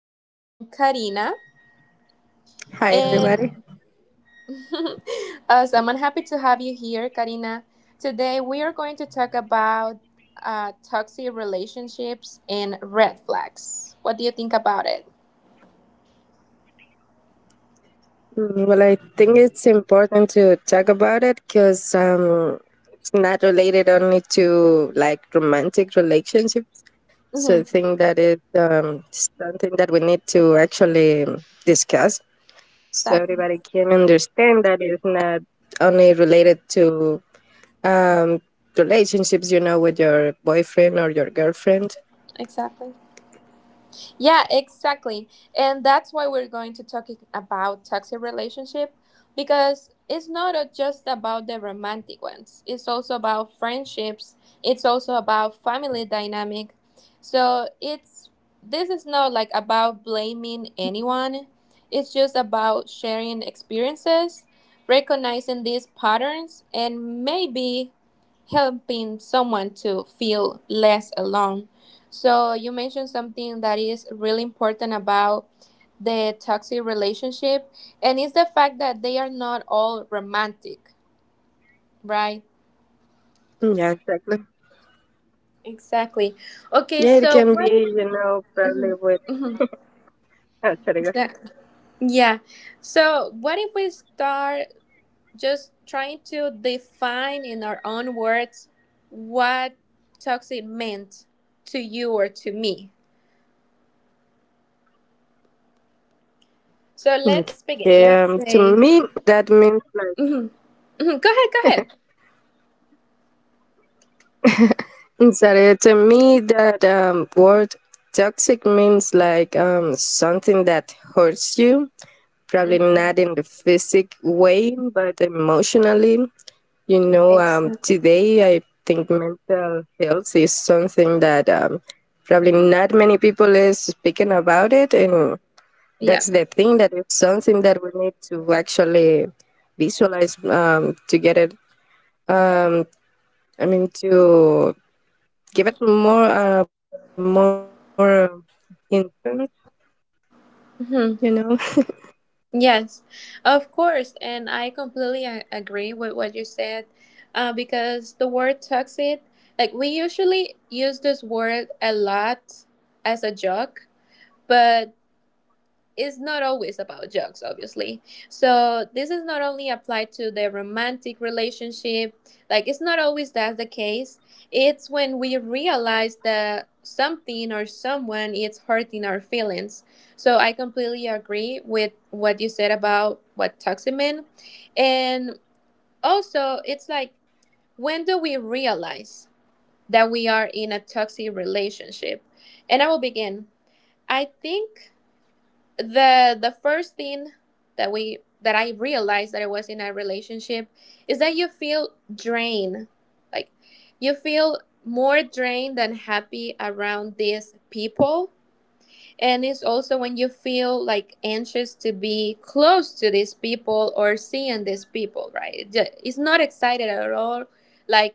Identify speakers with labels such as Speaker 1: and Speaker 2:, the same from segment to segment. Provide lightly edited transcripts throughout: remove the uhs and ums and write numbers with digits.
Speaker 1: my friend Karina, and
Speaker 2: Hi, everybody.
Speaker 1: as I'm happy to have you here, Karina. Today we are going to talk about toxic relationships and red flags. What do you think about it?
Speaker 2: Well, I think it's important to talk about it because it's not related only to like romantic relationships. So I
Speaker 1: Mm-hmm.
Speaker 2: think that is something that we need to actually discuss so
Speaker 1: Exactly.
Speaker 2: everybody can understand that it's not only related to um, relationships, with your boyfriend or your girlfriend.
Speaker 1: Exactly. Yeah, exactly. And that's why we're going to talk about toxic relationship because it's not just about the romantic ones. It's also about friendships. It's also about family dynamic. So it's this is not like about blaming anyone. It's just about sharing experiences, recognizing these patterns and maybe helping someone to feel less alone. So you mentioned something that is really important about the toxic relationship, and it's the fact that they are not all romantic, right?
Speaker 2: Yeah, exactly.
Speaker 1: Exactly. Okay,
Speaker 2: Yeah, it
Speaker 1: so
Speaker 2: can be,
Speaker 1: what if?
Speaker 2: probably
Speaker 1: Mhm,
Speaker 2: with.
Speaker 1: mhm,
Speaker 2: Oh, sorry, go
Speaker 1: exactly. Yeah. So what if we start just trying to define in our own words what toxic meant to you or to me? So let's
Speaker 2: okay,
Speaker 1: begin.
Speaker 2: to
Speaker 1: Let's
Speaker 2: me,
Speaker 1: say.
Speaker 2: that means
Speaker 1: Mhm, mhm, go ahead.
Speaker 2: sorry, to me, that word toxic means like something that hurts you,
Speaker 1: Go
Speaker 2: probably
Speaker 1: ahead.
Speaker 2: not in the physic way, but emotionally.
Speaker 1: Exactly.
Speaker 2: Today I think mental health is something that probably not many people is speaking about it, and
Speaker 1: Yeah.
Speaker 2: that's the thing that is something that we need to actually visualize to get it Um, I mean to give it more more importance, you
Speaker 1: Hmm.
Speaker 2: know.
Speaker 1: Yes, of course. And I completely agree with what you said because the word toxic, like we usually use this word a lot as a joke, but is not always about jokes, obviously. So this is not only applied to the romantic relationship, like it's not always that's the case. It's when we realize that something or someone is hurting our feelings. So I completely agree with what you said about what toxic mean. And also it's like when do we realize that we are in a toxic relationship? And I will begin. I think the first thing that we that I realized that I was in a relationship is that you feel drained. Like you feel more drained than happy around these people. And it's also when you feel like anxious to be close to these people or seeing these people, right? It's not excited at all, like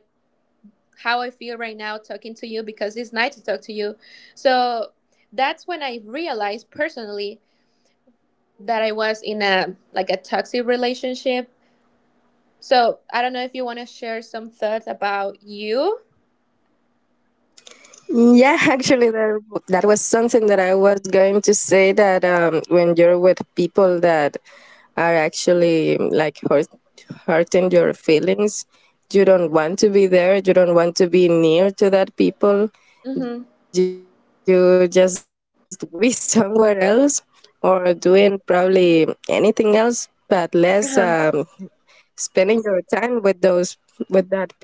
Speaker 1: how I feel right now talking to you because it's nice to talk to you. So that's when I realized personally that I was in a like a toxic relationship. So I don't know if you want to share some thoughts about you.
Speaker 2: Yeah, actually, that was something that I was going to say that when you're with people that are actually like hurting your feelings, you don't want to be there, you don't want to be near to that people,
Speaker 1: Mm-hmm.
Speaker 2: you just wish to be somewhere else or doing probably anything else but less
Speaker 1: Uh-huh.
Speaker 2: spending your time with those with that people.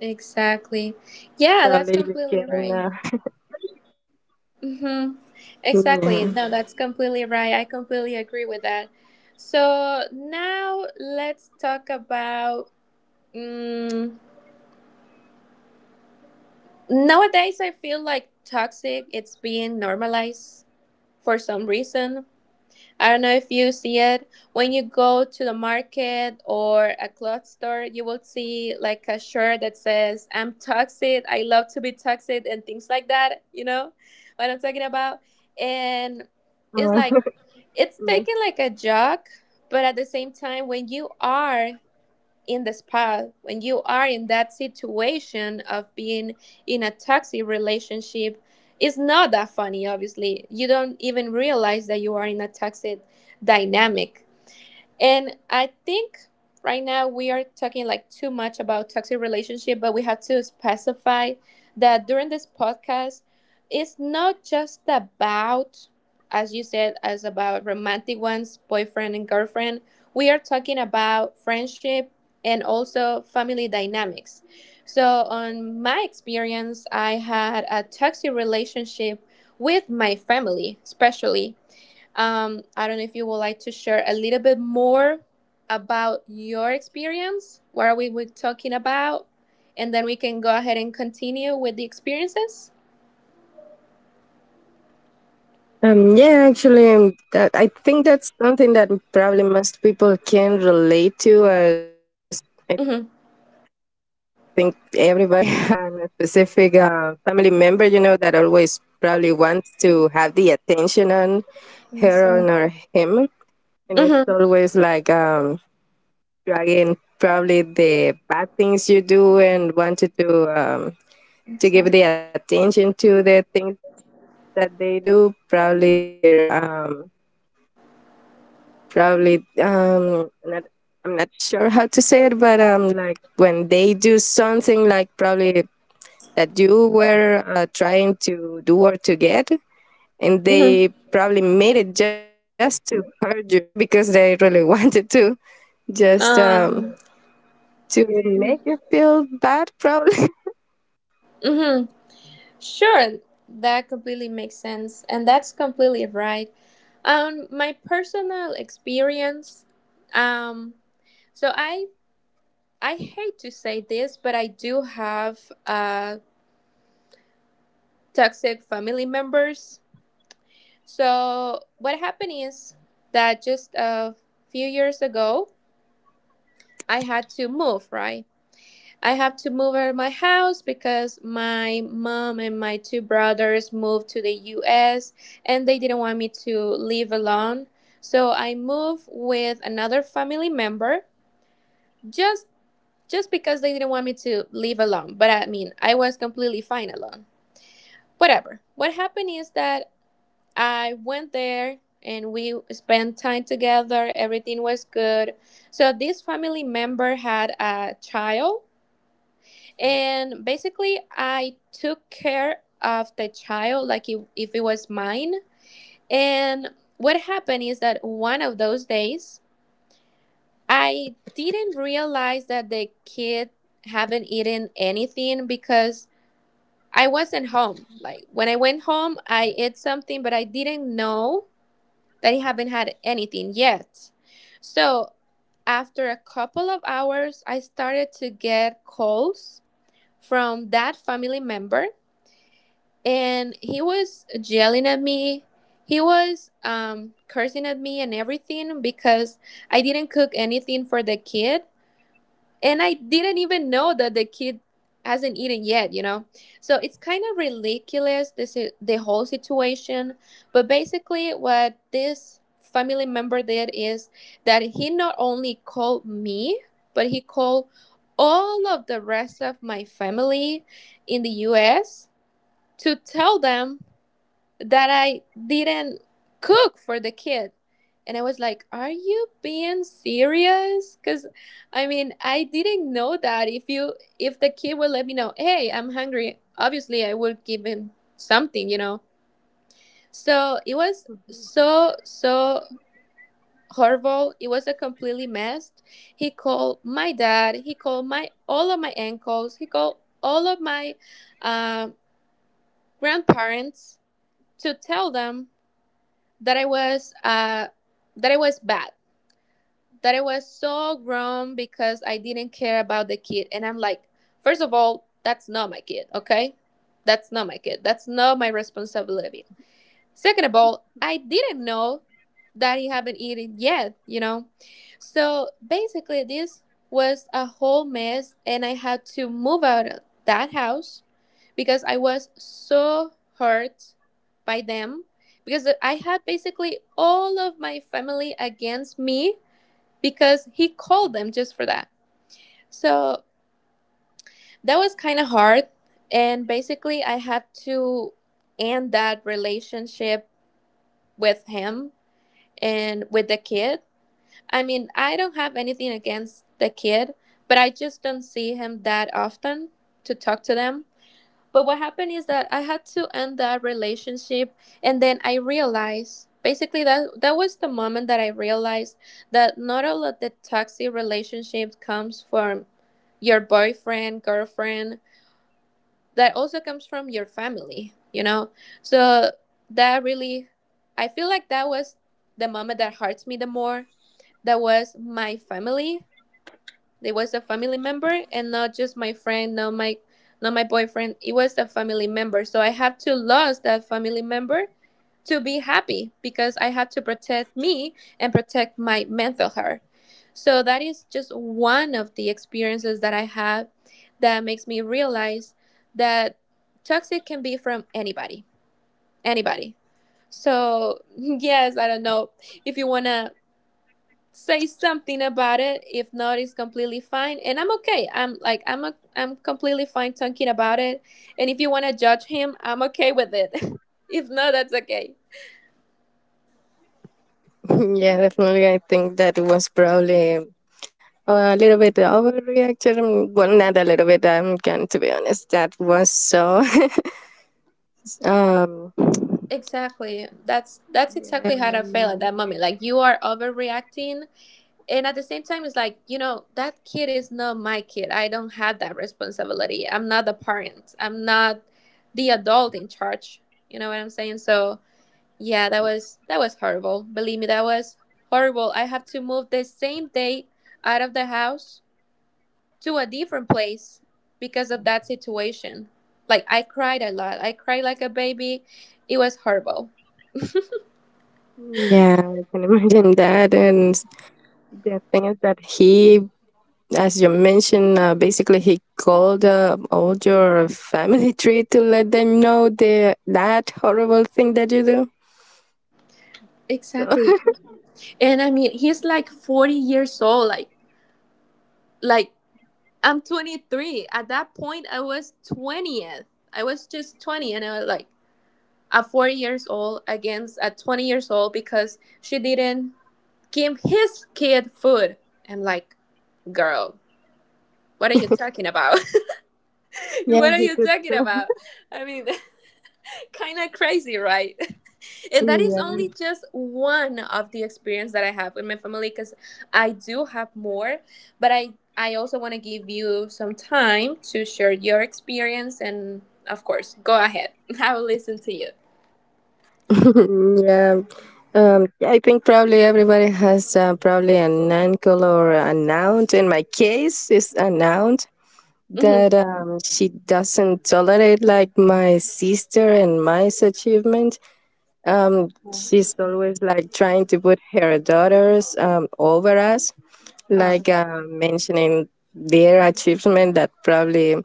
Speaker 1: Exactly.
Speaker 2: Probably you
Speaker 1: Yeah,
Speaker 2: can,
Speaker 1: that's completely right. Mm-hmm. Exactly. No, that's completely right. I completely agree with that. So now let's talk about mm, nowadays. I feel like toxic. It's being normalized for some reason. I don't know if you see it. When you go to the market or a cloth store, you will see like a shirt that says, "I'm toxic, I love to be toxic," and things like that. You know what I'm talking about?
Speaker 2: yeah.
Speaker 1: And it's like, it's taken like a joke, but at the same time, when you are in the spa when you are in that situation of being in a toxic relationship, it's not that funny. Obviously, you don't even realize that you are in a toxic dynamic. And I think right now we are talking like too much about toxic relationship, but we have to specify that during this podcast, it's not just about, as you said, as about romantic ones, boyfriend and girlfriend. We are talking about friendship and also family dynamics. So, on my experience, I had a toxic relationship with my family, especially I don't know if you would like to share a little bit more about your experience. What are we talking about? And then we can go ahead and continue with the experiences.
Speaker 2: Yeah, actually, I think that's something that probably most people can relate to, as I think
Speaker 1: Mm-hmm.
Speaker 2: everybody has a specific family member, that always probably wants to have the attention on her on or
Speaker 1: So,
Speaker 2: him. And it's
Speaker 1: mm-hmm.
Speaker 2: always like dragging probably the bad things you do and wanted to
Speaker 1: So,
Speaker 2: give the attention to the things that they do, probably their probably not, I'm not sure how to say it, but like when they do something like probably that you were trying to do or to get, and they
Speaker 1: mm-hmm.
Speaker 2: probably made it just to hurt you, not because they really wanted to, just
Speaker 1: Um,
Speaker 2: to
Speaker 1: mm-hmm.
Speaker 2: make
Speaker 1: Uh,
Speaker 2: you feel bad, probably.
Speaker 1: Mm-hmm. Sure, that completely makes sense. And that's completely right. My personal experience, um, so I hate to say this, but I do have a toxic family members. So, what happened is that just a few years ago, I had to move, right? I have to move out of my house because my mom and my two brothers moved to the US and they didn't want me to live alone. So I moved with another family member just just because they didn't want me to live alone. But I mean, I was completely fine alone. Whatever. What happened is that I went there and we spent time together. Everything was good. So this family member had a child and basically I took care of the child like if it was mine. And what happened is that one of those days I didn't realize that the kid haven't eaten anything because I wasn't home. Like when I went home, I ate something, but I didn't know that he haven't had anything yet. So after a couple of hours, I started to get calls from that family member, and he was yelling at me. He was cursing at me and everything because I didn't cook anything for the kid and I didn't even know that the kid hasn't eaten yet, you know. So it's kind of ridiculous this the whole situation, but basically what this family member did is that he not only called me, but he called all of the rest of my family in the US to tell them that I didn't cook for the kid. And I was like, are you being serious? Cuz I mean, I didn't know that if you if the kid would let me know, "Hey, I'm hungry." Obviously, I would give him something, you know. So, it was so horrible. It was a completely mess. He called my dad, he called my all of my uncles, he called all of my um grandparents to tell them that I was uh that I was bad. That I was so grown because I didn't care about the kid. And I'm like, first of all, that's not my kid, okay? That's not my kid. That's not my responsibility. Second of all, I didn't know that he have not eaten yet, you know. So basically this was a whole mess and I had to move out of that house because I was so hurt by them because I had basically all of my family against me because he called them just for that. So that was kind of hard and basically I had to end that relationship with him and with the kid. I mean, I don't have anything against the kid but I just don't see him that often to talk to them but what happened is that I had to end that relationship and then I realized basically that that was the moment that I realized that not all of the toxic relationships comes from your boyfriend girlfriend that also comes from your family, you know. So that really I feel like that was the moment that hurts me the more that was my family. It was a family member and not just my friend, not my boyfriend. It was a family member. So I have to lose that family member to be happy because I have to protect me and protect my mental health. So that is just one of the experiences that I have that makes me realize that toxic can be from anybody. Anybody. So yes, I don't know if you wanna say something about it. If not, it's completely fine. And I'm okay. I'm like I'm a, I'm completely fine talking about it. And if you want to judge him, I'm okay with it. If not, that's okay.
Speaker 2: Yeah, definitely. I think that was probably a little bit overreaction. Well, not a little bit. I'm going to be honest. That was so Um,
Speaker 1: Exactly. That's
Speaker 2: yeah, yeah,
Speaker 1: exactly how
Speaker 2: I
Speaker 1: I feel at that
Speaker 2: mean,
Speaker 1: moment. Like you are overreacting, and at the same time, it's like you know that kid is not my kid. I don't have that responsibility. I'm not the parent. I'm not the adult in charge. You know what I'm saying? So yeah, that was horrible. Believe me, that was horrible. I have to move the same day out of the house to a different place because of that situation. Like I cried a lot. I cried like a baby. It was horrible.
Speaker 2: yeah, I can imagine that. And the thing is that he, as you mentioned, basically he called all your family tree to let them know the that horrible thing that you do. So
Speaker 1: Exactly. And I mean, he's like 40 years old. Like I'm 23. At that point, I was 20. I was just 20 and I was like at 40 years old against at 20 years old because she didn't give his kid food. I'm like, girl, what are you talking about?
Speaker 2: yeah,
Speaker 1: What are
Speaker 2: he
Speaker 1: you
Speaker 2: could.
Speaker 1: talking
Speaker 2: So,
Speaker 1: about? I mean, kind of crazy, right? And that is
Speaker 2: yeah,
Speaker 1: only just one of the experience that I have with my family because I do have more, but I also want to give you some time to share your experience and of course, go ahead. I will listen to you.
Speaker 2: yeah. I think probably everybody has probably a non-call or a noun. In my case, it's a noun
Speaker 1: Mm-hmm.
Speaker 2: that she doesn't tolerate like my sister and my achievement. She's always like trying to put her daughters over us,
Speaker 1: Oh,
Speaker 2: like mentioning their achievement that probably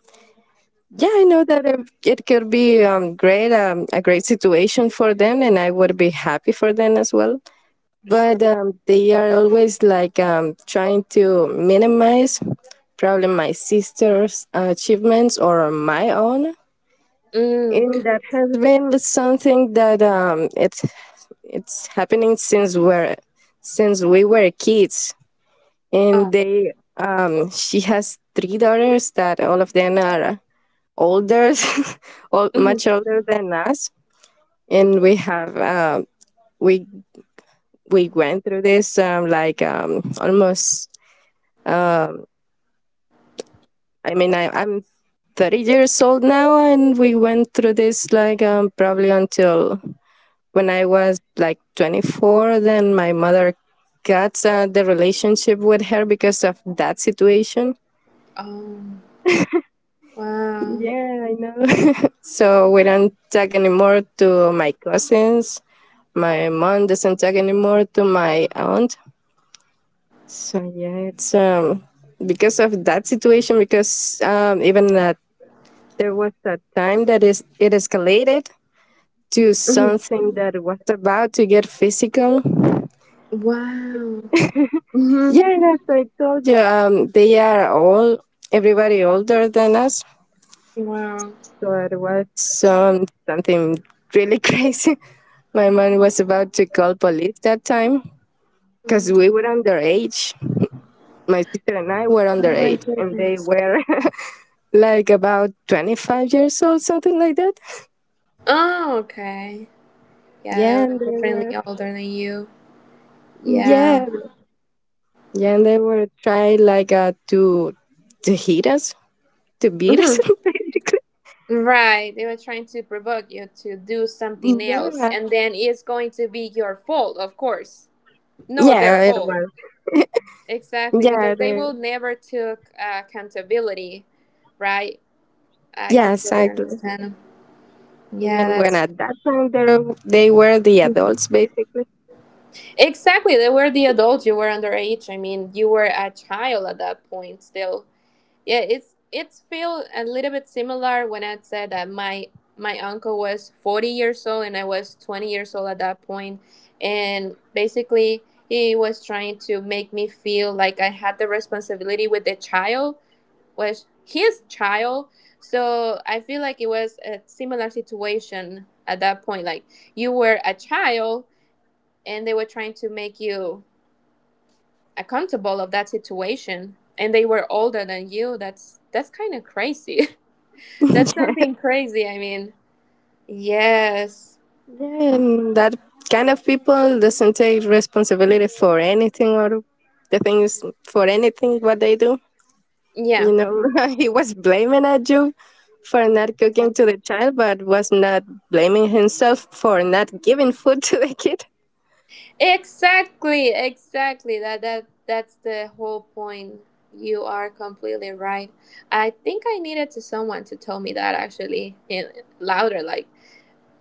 Speaker 2: yeah, I know that it could be great, a great situation for them, and I would be happy for them as well.
Speaker 1: sure.
Speaker 2: But they are always like trying to minimize probably my sister's achievements or my own.
Speaker 1: Mm.
Speaker 2: And that has been something that it's happening since we were kids, and
Speaker 1: Oh.
Speaker 2: they she has three daughters that all of them are older,
Speaker 1: Mhm.
Speaker 2: much older than us, and we have we we went through this like almost. Um, I mean, I'm 30 years old now, and we went through this like probably until when I was like 24. Then my mother got the relationship with her because of that situation
Speaker 1: Um. Wow.
Speaker 2: Yeah, I know. So we don't talk anymore to my cousins. My mom doesn't talk anymore to my aunt. So yeah, it's because of that situation. Because even that there was a time that is it escalated to
Speaker 1: Mhm.
Speaker 2: something that was about to get physical.
Speaker 1: Wow. Mm-hmm.
Speaker 2: Yeah, and as I told you, they are all everybody older than us.
Speaker 1: Wow.
Speaker 2: So I watched something really crazy. My mom was about to call police that time because
Speaker 1: Mm.
Speaker 2: we were underage. My sister and I were
Speaker 1: Oh my
Speaker 2: underage, and they
Speaker 1: goodness.
Speaker 2: were like about 25 years old, something like that.
Speaker 1: Oh, okay. Yeah, they
Speaker 2: Yeah, and they
Speaker 1: were definitely
Speaker 2: were
Speaker 1: older than you.
Speaker 2: yeah,
Speaker 1: Yeah.
Speaker 2: yeah, and they were trying like to hit us, to beat us,
Speaker 1: Mm-hmm.
Speaker 2: basically.
Speaker 1: Right. They were trying to provoke you to do something else,
Speaker 2: Yeah,
Speaker 1: and then it's going to be your fault, of course. No, their
Speaker 2: yeah, it
Speaker 1: fault.
Speaker 2: was.
Speaker 1: Exactly,
Speaker 2: Yeah,
Speaker 1: because they will never took accountability. Right. I
Speaker 2: yeah,
Speaker 1: completely
Speaker 2: exactly.
Speaker 1: understand. Yeah,
Speaker 2: Even when
Speaker 1: that's
Speaker 2: at that time they were the adults basically.
Speaker 1: exactly. They were the adults. You were underage. I mean, you were a child at that point still. Yeah, it's feel a little bit similar when I said that my uncle was 40 years old and I was 20 years old at that point, and basically he was trying to make me feel like I had the responsibility with the child was his child. So I feel like it was a similar situation at that point. Like you were a child and they were trying to make you accountable of that situation, and they were older than you. That's kind of crazy. That's
Speaker 2: Yeah.
Speaker 1: something crazy. I mean, yes,
Speaker 2: Yeah, and that kind of people doesn't take responsibility for anything or the things for anything what they do. You
Speaker 1: yeah,
Speaker 2: know, he was blaming at you for not cooking
Speaker 1: exactly,
Speaker 2: to the child, but was not blaming himself for not giving food to the kid.
Speaker 1: exactly, exactly. That's the whole point. You are completely right. I think I needed to someone to tell me that actually in louder. Like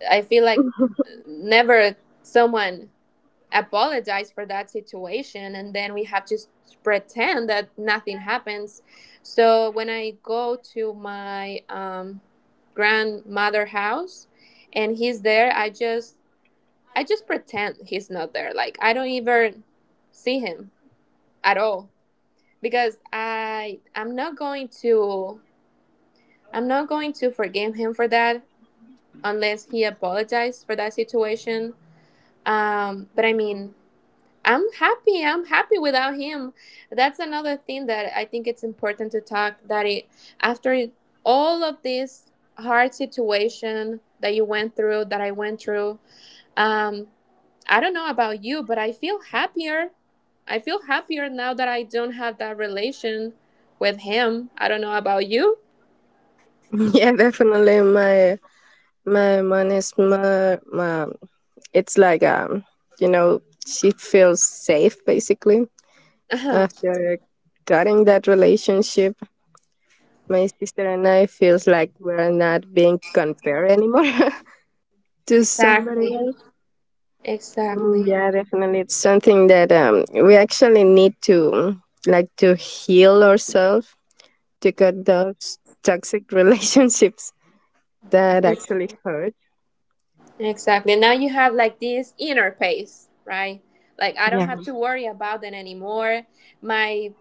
Speaker 1: I feel like never someone apologize for that situation, and then we have to pretend that nothing happens. So when I go to my grandmother house and he's there, I just pretend he's not there. Like I don't even see him at all, because I'm not going to, I'm not going to forgive him for that unless he apologized for that situation. But I mean, I'm happy. I'm happy without him. That's another thing that I think it's important to talk, that it after it, all of this hard situation that you went through, that I went through. Um, I don't know about you, but I feel happier. I feel happier now that I don't have that relation with him. I don't know about you.
Speaker 2: Yeah, definitely. My mom is my, my it's like she feels safe basically.
Speaker 1: Uh huh.
Speaker 2: After cutting that relationship, my sister and I feels like we're not being compared anymore to somebody
Speaker 1: Exactly.
Speaker 2: else. Mm,
Speaker 1: Exactly.
Speaker 2: yeah, definitely, it's something that we actually need to like to heal ourselves to cut those toxic relationships that actually hurt.
Speaker 1: Exactly. Now you have like this inner pace, right? Like I don't
Speaker 2: Yeah.
Speaker 1: have to worry about that anymore. My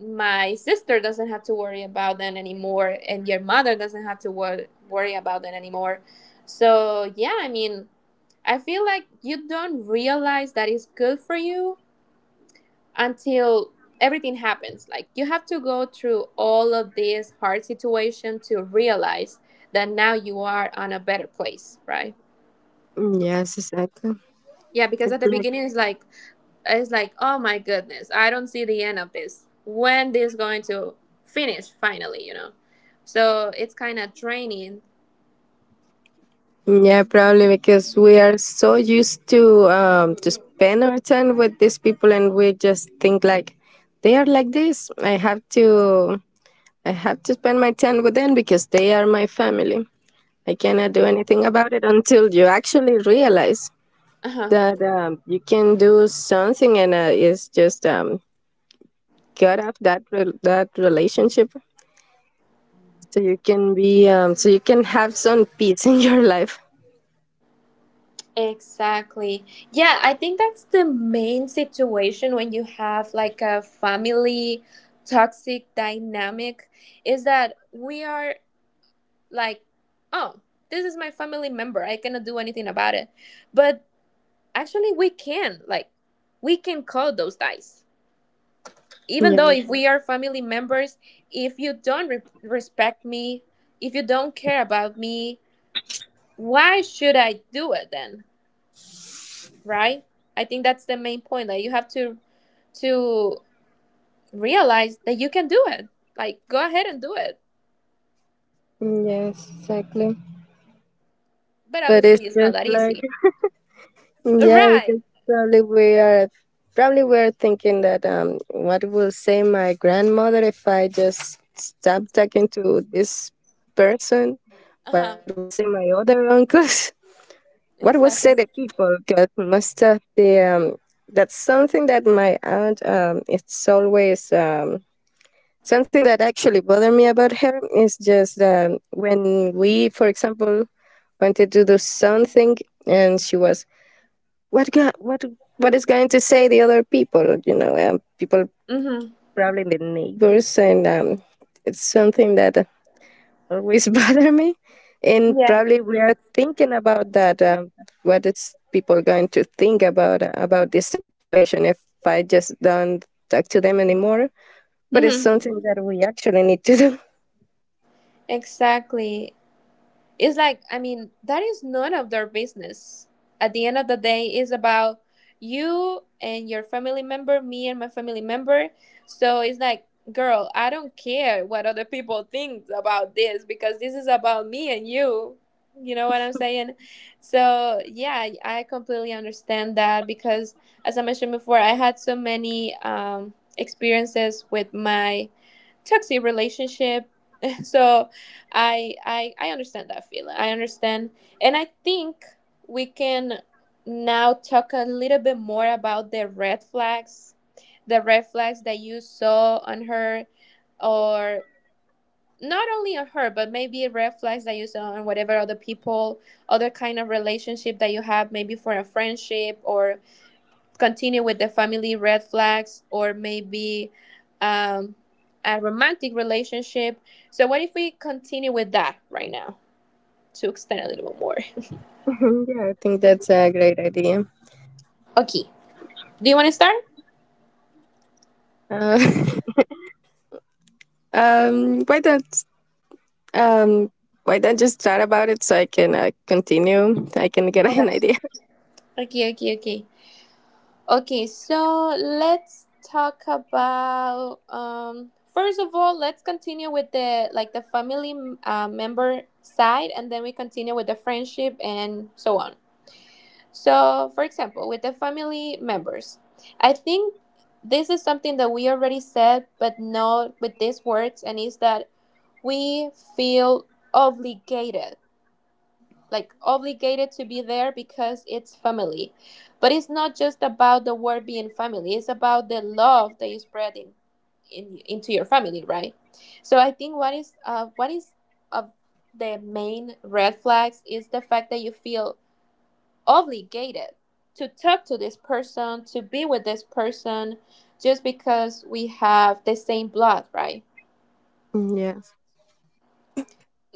Speaker 1: my sister doesn't have to worry about that anymore, and your mother doesn't have to worry about that anymore. So yeah, I mean, I feel like you don't realize that it's good for you until everything happens. Like you have to go through all of this hard situation to realize that now you are on a better place, right?
Speaker 2: Mm, yes, exactly.
Speaker 1: Yeah, because
Speaker 2: It's
Speaker 1: at the beginning it's like it's like, oh my goodness, I don't see the end of this. When this going to finish finally, you know? So it's kind of draining.
Speaker 2: Yeah, probably because we are so used to spend our time with these people, and we just think like they are like this. I have to spend my time with them because they are my family. I cannot do anything about it until you actually realize
Speaker 1: Uh-huh.
Speaker 2: that you can do something, and it's just cut off that relationship, so you can be so you can have some peace in your life.
Speaker 1: Exactly. Yeah, I think that's the main situation when you have like a family toxic dynamic, is that we are like, oh, this is my family member. I cannot do anything about it. But actually, we can. Like, we can call those dice even though
Speaker 2: Yeah.
Speaker 1: if we are family members. If you don't respect me, if you don't care about me, why should I do it then, right? I think that's the main point, that you have to realize that you can do it. Like go ahead and do it,
Speaker 2: Yes, exactly.
Speaker 1: but
Speaker 2: But it's
Speaker 1: obviously it's not
Speaker 2: just
Speaker 1: that
Speaker 2: like,
Speaker 1: easy,
Speaker 2: yeah,
Speaker 1: right?
Speaker 2: because probably we are probably we're thinking that what will say my grandmother if I just stop talking to this person, what
Speaker 1: Uh-huh.
Speaker 2: will say my other uncles, what will say the
Speaker 1: Exactly.
Speaker 2: people, because most of the that's something that my aunt, it's always something that actually bothered me about her is just when we for example wanted to do something and she was what go- what what is going to say the other people, people
Speaker 1: Mm-hmm.
Speaker 2: probably the neighbors, and it's something that always bother me, and
Speaker 1: Yeah.
Speaker 2: probably we are thinking about that, what is people going to think about this situation if I just don't talk to them anymore, but it's
Speaker 1: Mm-hmm.
Speaker 2: something that we actually need to do.
Speaker 1: Exactly. It's like, I mean, that is none of their business. At the end of the day, it's about you and your family member, me and my family member. So it's like, girl, I don't care what other people think about this, because this is about me and you. You know what I'm saying? So yeah, I completely understand that, because as I mentioned before, I had so many experiences with my toxic relationship. So I understand that feeling. I understand. And I think we can now talk a little bit more about the red flags, the red flags that you saw on her, or not only on her, but maybe red flags that you saw on whatever other people, other kind of relationship that you have. Maybe for a friendship, or continue with the family red flags, or maybe um, a romantic relationship. So, what if we continue with that right now to extend a little bit more?
Speaker 2: Mhm, yeah, I think that's a great idea.
Speaker 1: Okay. Do you want to start?
Speaker 2: Uh, um, why don't um, why don't just chat about it so I can continue? I can get
Speaker 1: Okay.
Speaker 2: an idea.
Speaker 1: Okay, okay, okay. Okay, so let's talk about first of all, let's continue with the like the family member side, and then we continue with the friendship and so on. So, for example, with the family members, I think this is something that we already said, but not with these words, and is that we feel obligated, like obligated to be there because it's family. But it's not just about the word being family, it's about the love that you spread in into your family, right? So I think what is of the main red flags is the fact that you feel obligated to talk to this person, to be with this person, just because we have the same blood, right?
Speaker 2: Mm, yes.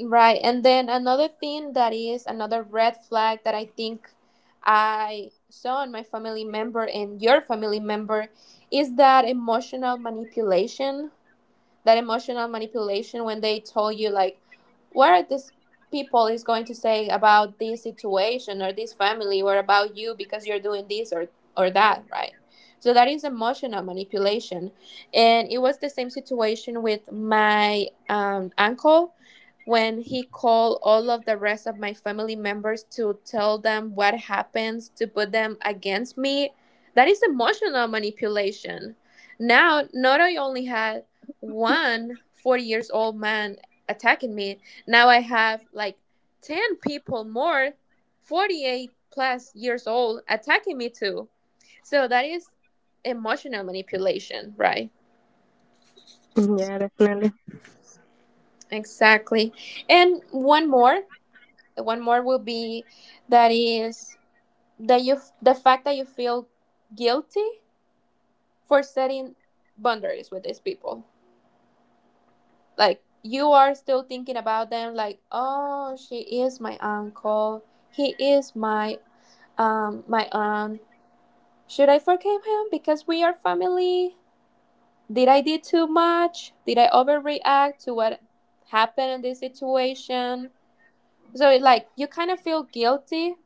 Speaker 1: Right. And then another thing that is another red flag that I think I saw in my family member and your family member is that emotional manipulation. That emotional manipulation when they told you like, what are these people is going to say about this situation or this family or about you, because you're doing this or that, right? So that is emotional manipulation. And it was the same situation with my uncle when he called all of the rest of my family members to tell them what happens, to put them against me. That is emotional manipulation. Now not I only had one 40 years old man attacking me, now I have like 10 people more, 48 plus years old, attacking me too. So that is emotional manipulation, right?
Speaker 2: Mm, yeah, definitely.
Speaker 1: Exactly. And one more will be that is that you, the fact that you feel guilty for setting boundaries with these people. Like you are still thinking about them, like, oh, she is my uncle, he is my aunt, should I forgive him because we are family? Did I, did too much, did I overreact to what happened in this situation? So it, like you kind of feel guilty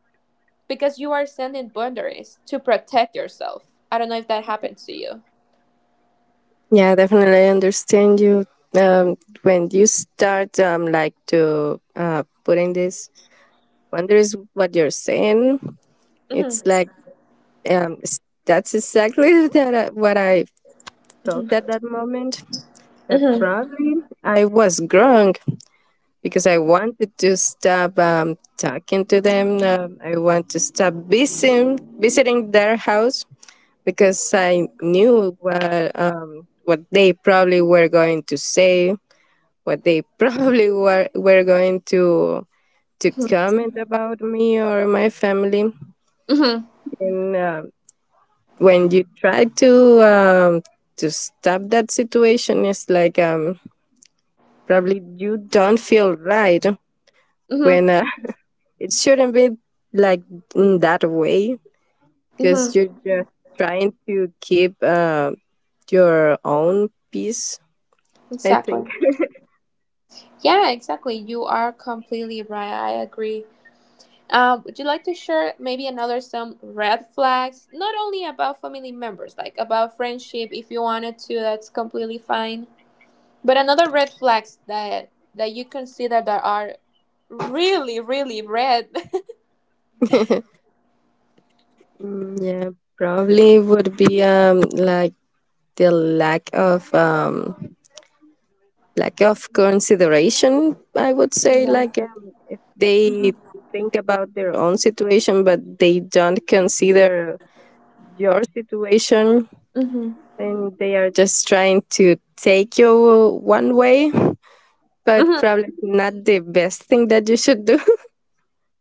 Speaker 1: because you are sending boundaries to protect yourself. I don't know if that happens to you.
Speaker 2: Yeah, definitely. I understand you. Um, when you start like to putting this wonders what you're saying. It's
Speaker 1: mm-hmm,
Speaker 2: like um, s- that's exactly what I felt at
Speaker 1: mm-hmm,
Speaker 2: that moment. That
Speaker 1: mm-hmm,
Speaker 2: probably I was wrong because I wanted to stop talking to them. I want to stop visiting their house because I knew what they probably were going to say, what they probably were going to comment about me or my family, and when you try to stop that situation, it's like probably you don't feel right when
Speaker 1: mm-hmm,
Speaker 2: it shouldn't be like in that way because
Speaker 1: mm-hmm,
Speaker 2: you're just trying to keep your own peace, I think.
Speaker 1: exactly. Yeah, exactly. You are completely right. I agree. Would you like to share maybe another some red flags, not only about family members, like about friendship, if you wanted to, that's completely fine. But another red flags that you consider that are really, really red.
Speaker 2: Mm, yeah, probably would be like the lack of consideration, I would say,
Speaker 1: Yeah.
Speaker 2: like if they think about their own situation but they don't consider your situation,
Speaker 1: Mm-hmm.
Speaker 2: and they are just trying to take you one way but
Speaker 1: Mm-hmm.
Speaker 2: probably not the best thing that you should do.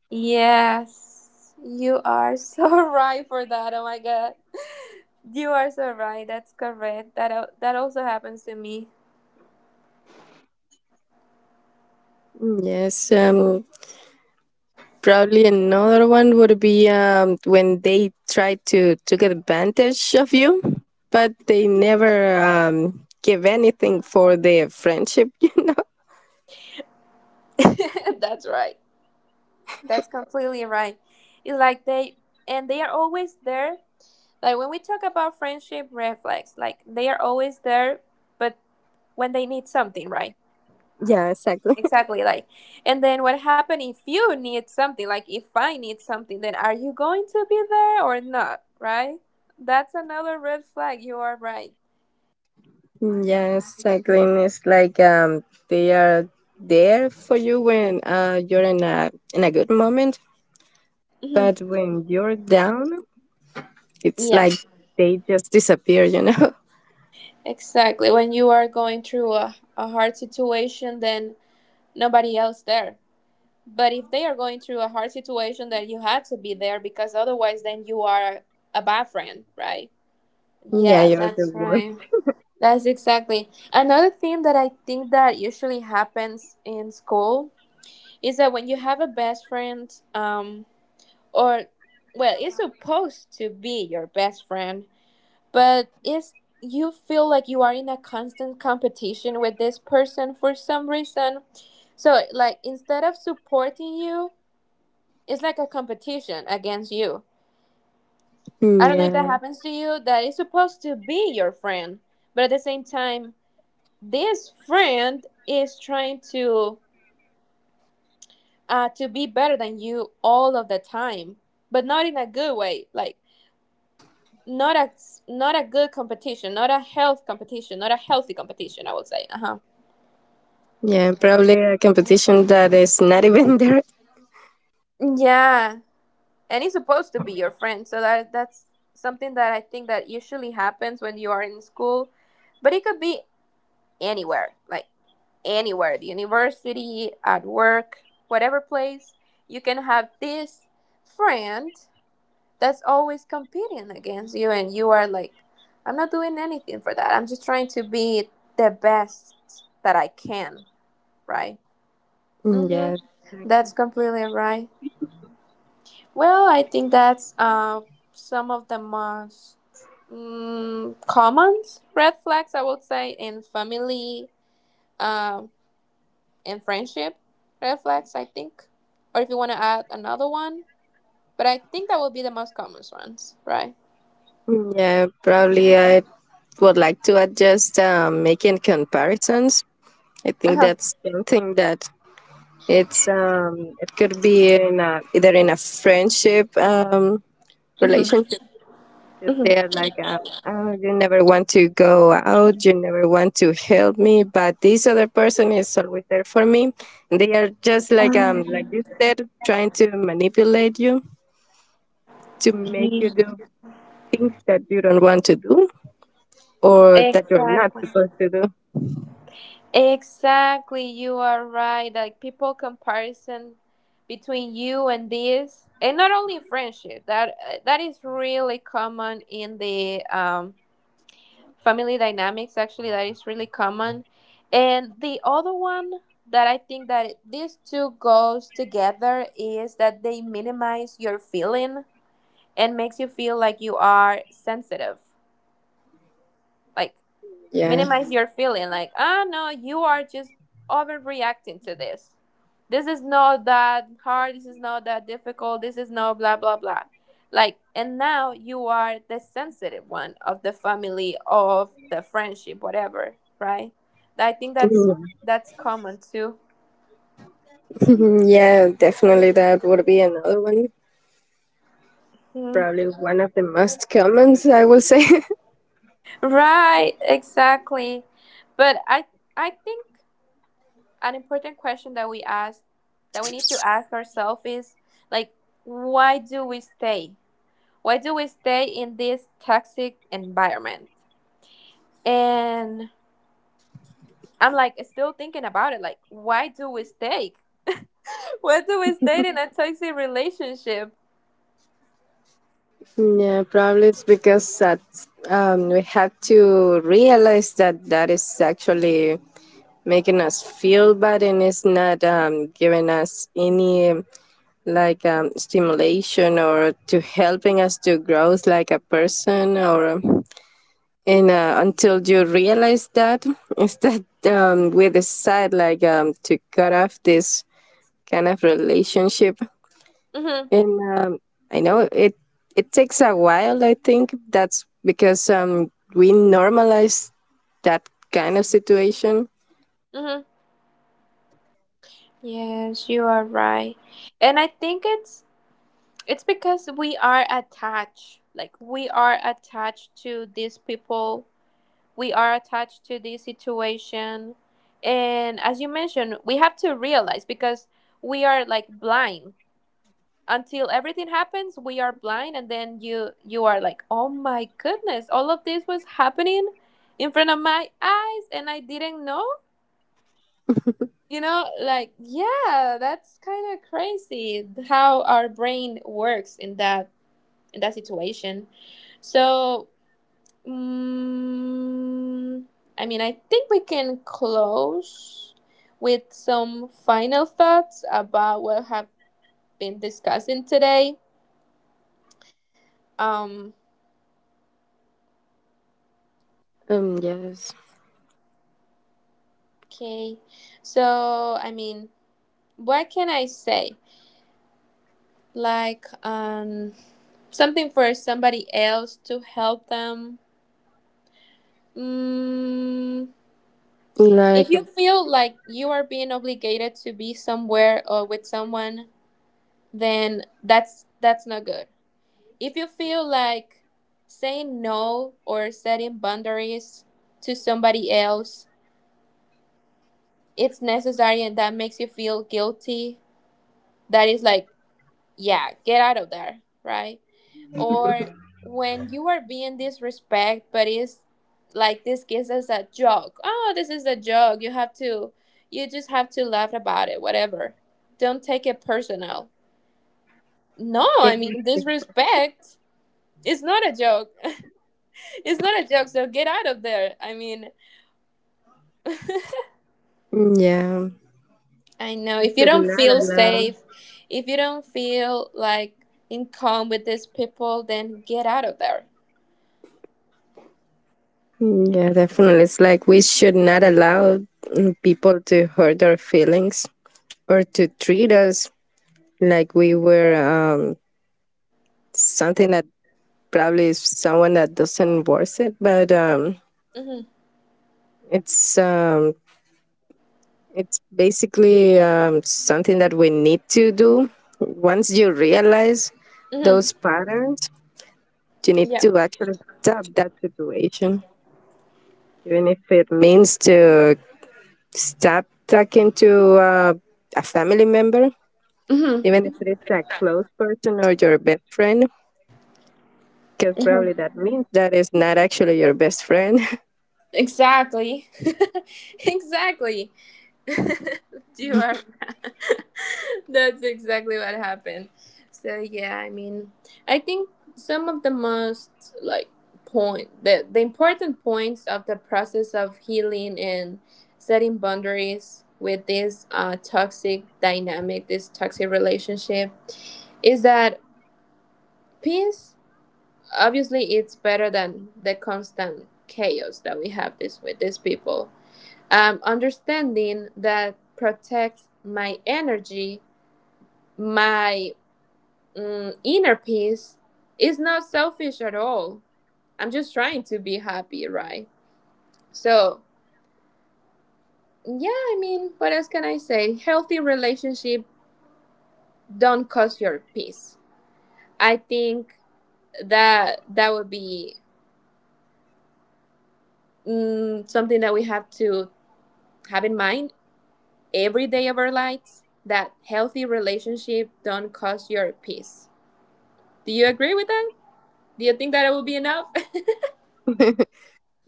Speaker 1: Yes, you are so right for that. Oh my God, you are so right. That's correct. That that also happens to me.
Speaker 2: Yes, probably another one would be when they try to took advantage of you, but they never give anything for their friendship. You know?
Speaker 1: That's right. That's completely right. It's like they, and they are always there. Like when we talk about friendship red flags, like they are always there, but when they need something, right?
Speaker 2: Yeah, exactly.
Speaker 1: Exactly. Like, and then what happened if you need something? Like if I need something, then are you going to be there or not, right? That's another red flag. You are right.
Speaker 2: Yeah, exactly. And it's like they are there for you when you're in a good moment,
Speaker 1: Hmm.
Speaker 2: but when you're down, it's
Speaker 1: Yeah.
Speaker 2: like they just disappear. You know?
Speaker 1: Exactly. When you are going through a hard situation, then nobody else there. But if they are going through a hard situation, then you have to be there, because otherwise, then you are a bad friend, right?
Speaker 2: Yeah,
Speaker 1: Yeah,
Speaker 2: you're the
Speaker 1: that's
Speaker 2: worst.
Speaker 1: right. That's exactly. Another thing that I think that usually happens in school is that when you have a best friend, or well, it's supposed to be your best friend, but it's you feel like you are in a constant competition with this person for some reason. So like instead of supporting you, it's like a competition against you. I don't know if that
Speaker 2: Yeah,
Speaker 1: happens to you, that is supposed to be your friend, but at the same time, this friend is trying to be better than you all of the time, but not in a good way. Like not a not a good competition, not a health competition, not a healthy competition, I would say. Uh huh.
Speaker 2: yeah. Probably a competition that is not even there.
Speaker 1: Yeah, and it's supposed to be your friend, so that that's something that I think that usually happens when you are in school, but it could be anywhere. Like anywhere, the university, at work, whatever place, you can have this friend that's always competing against you, and you are like, I'm not doing anything for that. I'm just trying to be the best that I can, right?
Speaker 2: Mm,
Speaker 1: Mm-hmm.
Speaker 2: yeah,
Speaker 1: That's completely right. Well, I think that's some of the most common red flags I would say in family, um and friendship red flags, I think. Or if you want to add another one, but I think that would be the most common ones, right?
Speaker 2: mm, yeah, probably I would like to adjust making comparisons. I think
Speaker 1: Uh-huh.
Speaker 2: that's something that it's it could be either in a friendship
Speaker 1: Hmm.
Speaker 2: relationship, because
Speaker 1: Hmm.
Speaker 2: they're like, oh, you never want to go out, you never want to help me, but this other person is always there for me. And they are just like you said, trying to manipulate you to make you do things that you don't want to do or that you're not
Speaker 1: Exactly.
Speaker 2: supposed to do.
Speaker 1: Exactly, you are right. Like people comparison between you and this, and not only friendship. That that is really common in the family dynamics, actually. That is really common. And the other one that I think that these two goes together is that they minimize your feeling and makes you feel like you are sensitive, like
Speaker 2: Yeah.
Speaker 1: minimize your feeling, like, ah, no, you are just overreacting to this. This is not that hard. This is not that difficult. This is no blah blah blah, like, and now you are the sensitive one of the family, of the friendship, whatever, right? I think that's
Speaker 2: Mhm.
Speaker 1: that's common too.
Speaker 2: Yeah, definitely that would be another one.
Speaker 1: Mhm.
Speaker 2: Probably one of the most comments I will say.
Speaker 1: Right, exactly. But I think an important question that we need to ask ourselves is like, why do we stay? Why do we stay in this toxic environment? And I'm like still thinking about it. Like, why do we stay? Why do we stay in a toxic relationship?
Speaker 2: Yeah, probably it's because that we have to realize that that is actually making us feel bad, and it's not giving us any like stimulation or to helping us to grow like a person, or and until you realize that is that we decide like to cut off this kind of relationship,
Speaker 1: Mm-hmm.
Speaker 2: and I know it takes a while. I think that's because we normalize that kind of situation,
Speaker 1: Mm-hmm. Yes, you are right. And I think it's because we are attached. Like, we are attached to these people. We are attached to this situation. And as you mentioned, we have to realize, because we are like blind until everything happens. We are blind, and then you are like, oh my goodness, all of this was happening in front of my eyes and I didn't know, you know, like, yeah, that's kind of crazy how our brain works in that, in that situation. So mm I mean, I think we can close with some final thoughts about what have been discussing today. um
Speaker 2: yes,
Speaker 1: Okay, so I mean, what can I say? Like, something for somebody else to help them. Mm, if
Speaker 2: like
Speaker 1: you feel like you are being obligated to be somewhere or with someone, then that's not good. If you feel like saying no or setting boundaries to somebody else, it's necessary, and that makes you feel guilty, that is like, yeah, get out of there, right? Or when you are being disrespect, but it's like, this gives us a joke, oh, this is a joke, you have to, you just have to laugh about it, whatever, don't take it personal. No,
Speaker 2: yeah,
Speaker 1: I mean, disrespect is not a joke. It's not a joke, so get out of there, I mean.
Speaker 2: yeah.
Speaker 1: I know,
Speaker 2: We
Speaker 1: if you
Speaker 2: should
Speaker 1: don't
Speaker 2: not
Speaker 1: feel
Speaker 2: allow,
Speaker 1: safe, if you don't feel like in calm with these people, then get out of there.
Speaker 2: yeah, definitely, it's like we should not allow, people to hurt our feelings or to treat us like we were something that probably is someone that doesn't worth it, but
Speaker 1: Mm-hmm.
Speaker 2: it's um, it's basically something that we need to do. Once you realize
Speaker 1: Mm-hmm.
Speaker 2: those patterns, you need
Speaker 1: Yeah.
Speaker 2: to actually stop that situation, even if it means to stop talking to a family member,
Speaker 1: Mm-hmm.
Speaker 2: even if it's a close person or your best friend, because
Speaker 1: Mm-hmm.
Speaker 2: probably that means that is not actually your best friend.
Speaker 1: Exactly. Exactly. You are. That's exactly what happened. So yeah, I mean, I think some of the most like point, the important points of the process of healing and setting boundaries with this toxic dynamic, this toxic relationship, is that peace obviously it's better than the constant chaos that we have this with these people. Understanding that protects my energy, my inner peace is not selfish at all. I'm just trying to be happy, right? So yeah, I mean, what else can I say? Healthy relationship don't cost your peace. I think that that would be something that we have to have in mind every day of our lives. That healthy relationship don't cost your peace. Do you agree with that? Do you think that it will be enough?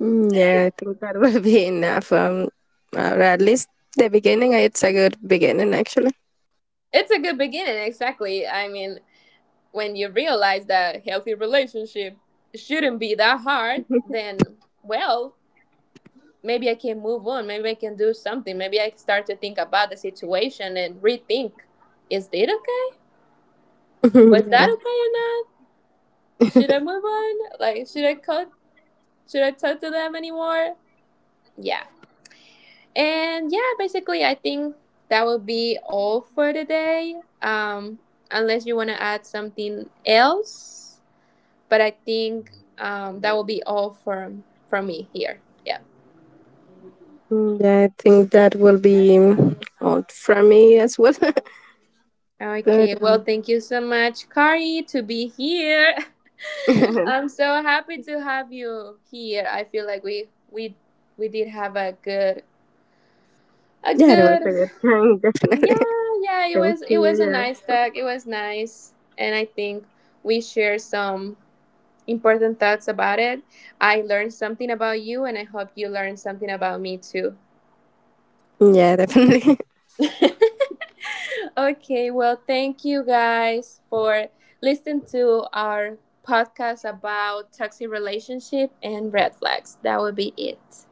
Speaker 2: Mm, yeah, I think that will be enough. Or at least the beginning, it's a good beginning, actually.
Speaker 1: It's a good beginning, exactly. I mean, when you realize that healthy relationship shouldn't be that hard, then well, maybe I can move on. Maybe I can do something. Maybe I start to think about the situation and rethink. Is it okay? Was
Speaker 2: Yeah.
Speaker 1: that okay or not? Should I move on? Like, should I cut? Should I talk to them anymore? Yeah. And yeah, basically, I think that will be all for today. Um, unless you want to add something else, but I think that will be all from me here. Yeah.
Speaker 2: Mm, yeah, I think that will be all from me as well. But
Speaker 1: Okay. Well, thank you so much, Kari, to be here.
Speaker 2: yeah,
Speaker 1: I'm so happy to have you here. I feel like we did have a good, a
Speaker 2: it was
Speaker 1: good—
Speaker 2: a good time, definitely.
Speaker 1: Yeah, yeah, it
Speaker 2: Thanks
Speaker 1: was,
Speaker 2: to
Speaker 1: it was a
Speaker 2: you,
Speaker 1: nice
Speaker 2: yeah.
Speaker 1: talk. It was nice, and I think we shared some important thoughts about it. I learned something about you, and I hope you learned something about me too.
Speaker 2: Yeah, definitely.
Speaker 1: Okay, well, thank you guys for listening to our podcast about toxic relationship and red flags. That would be it.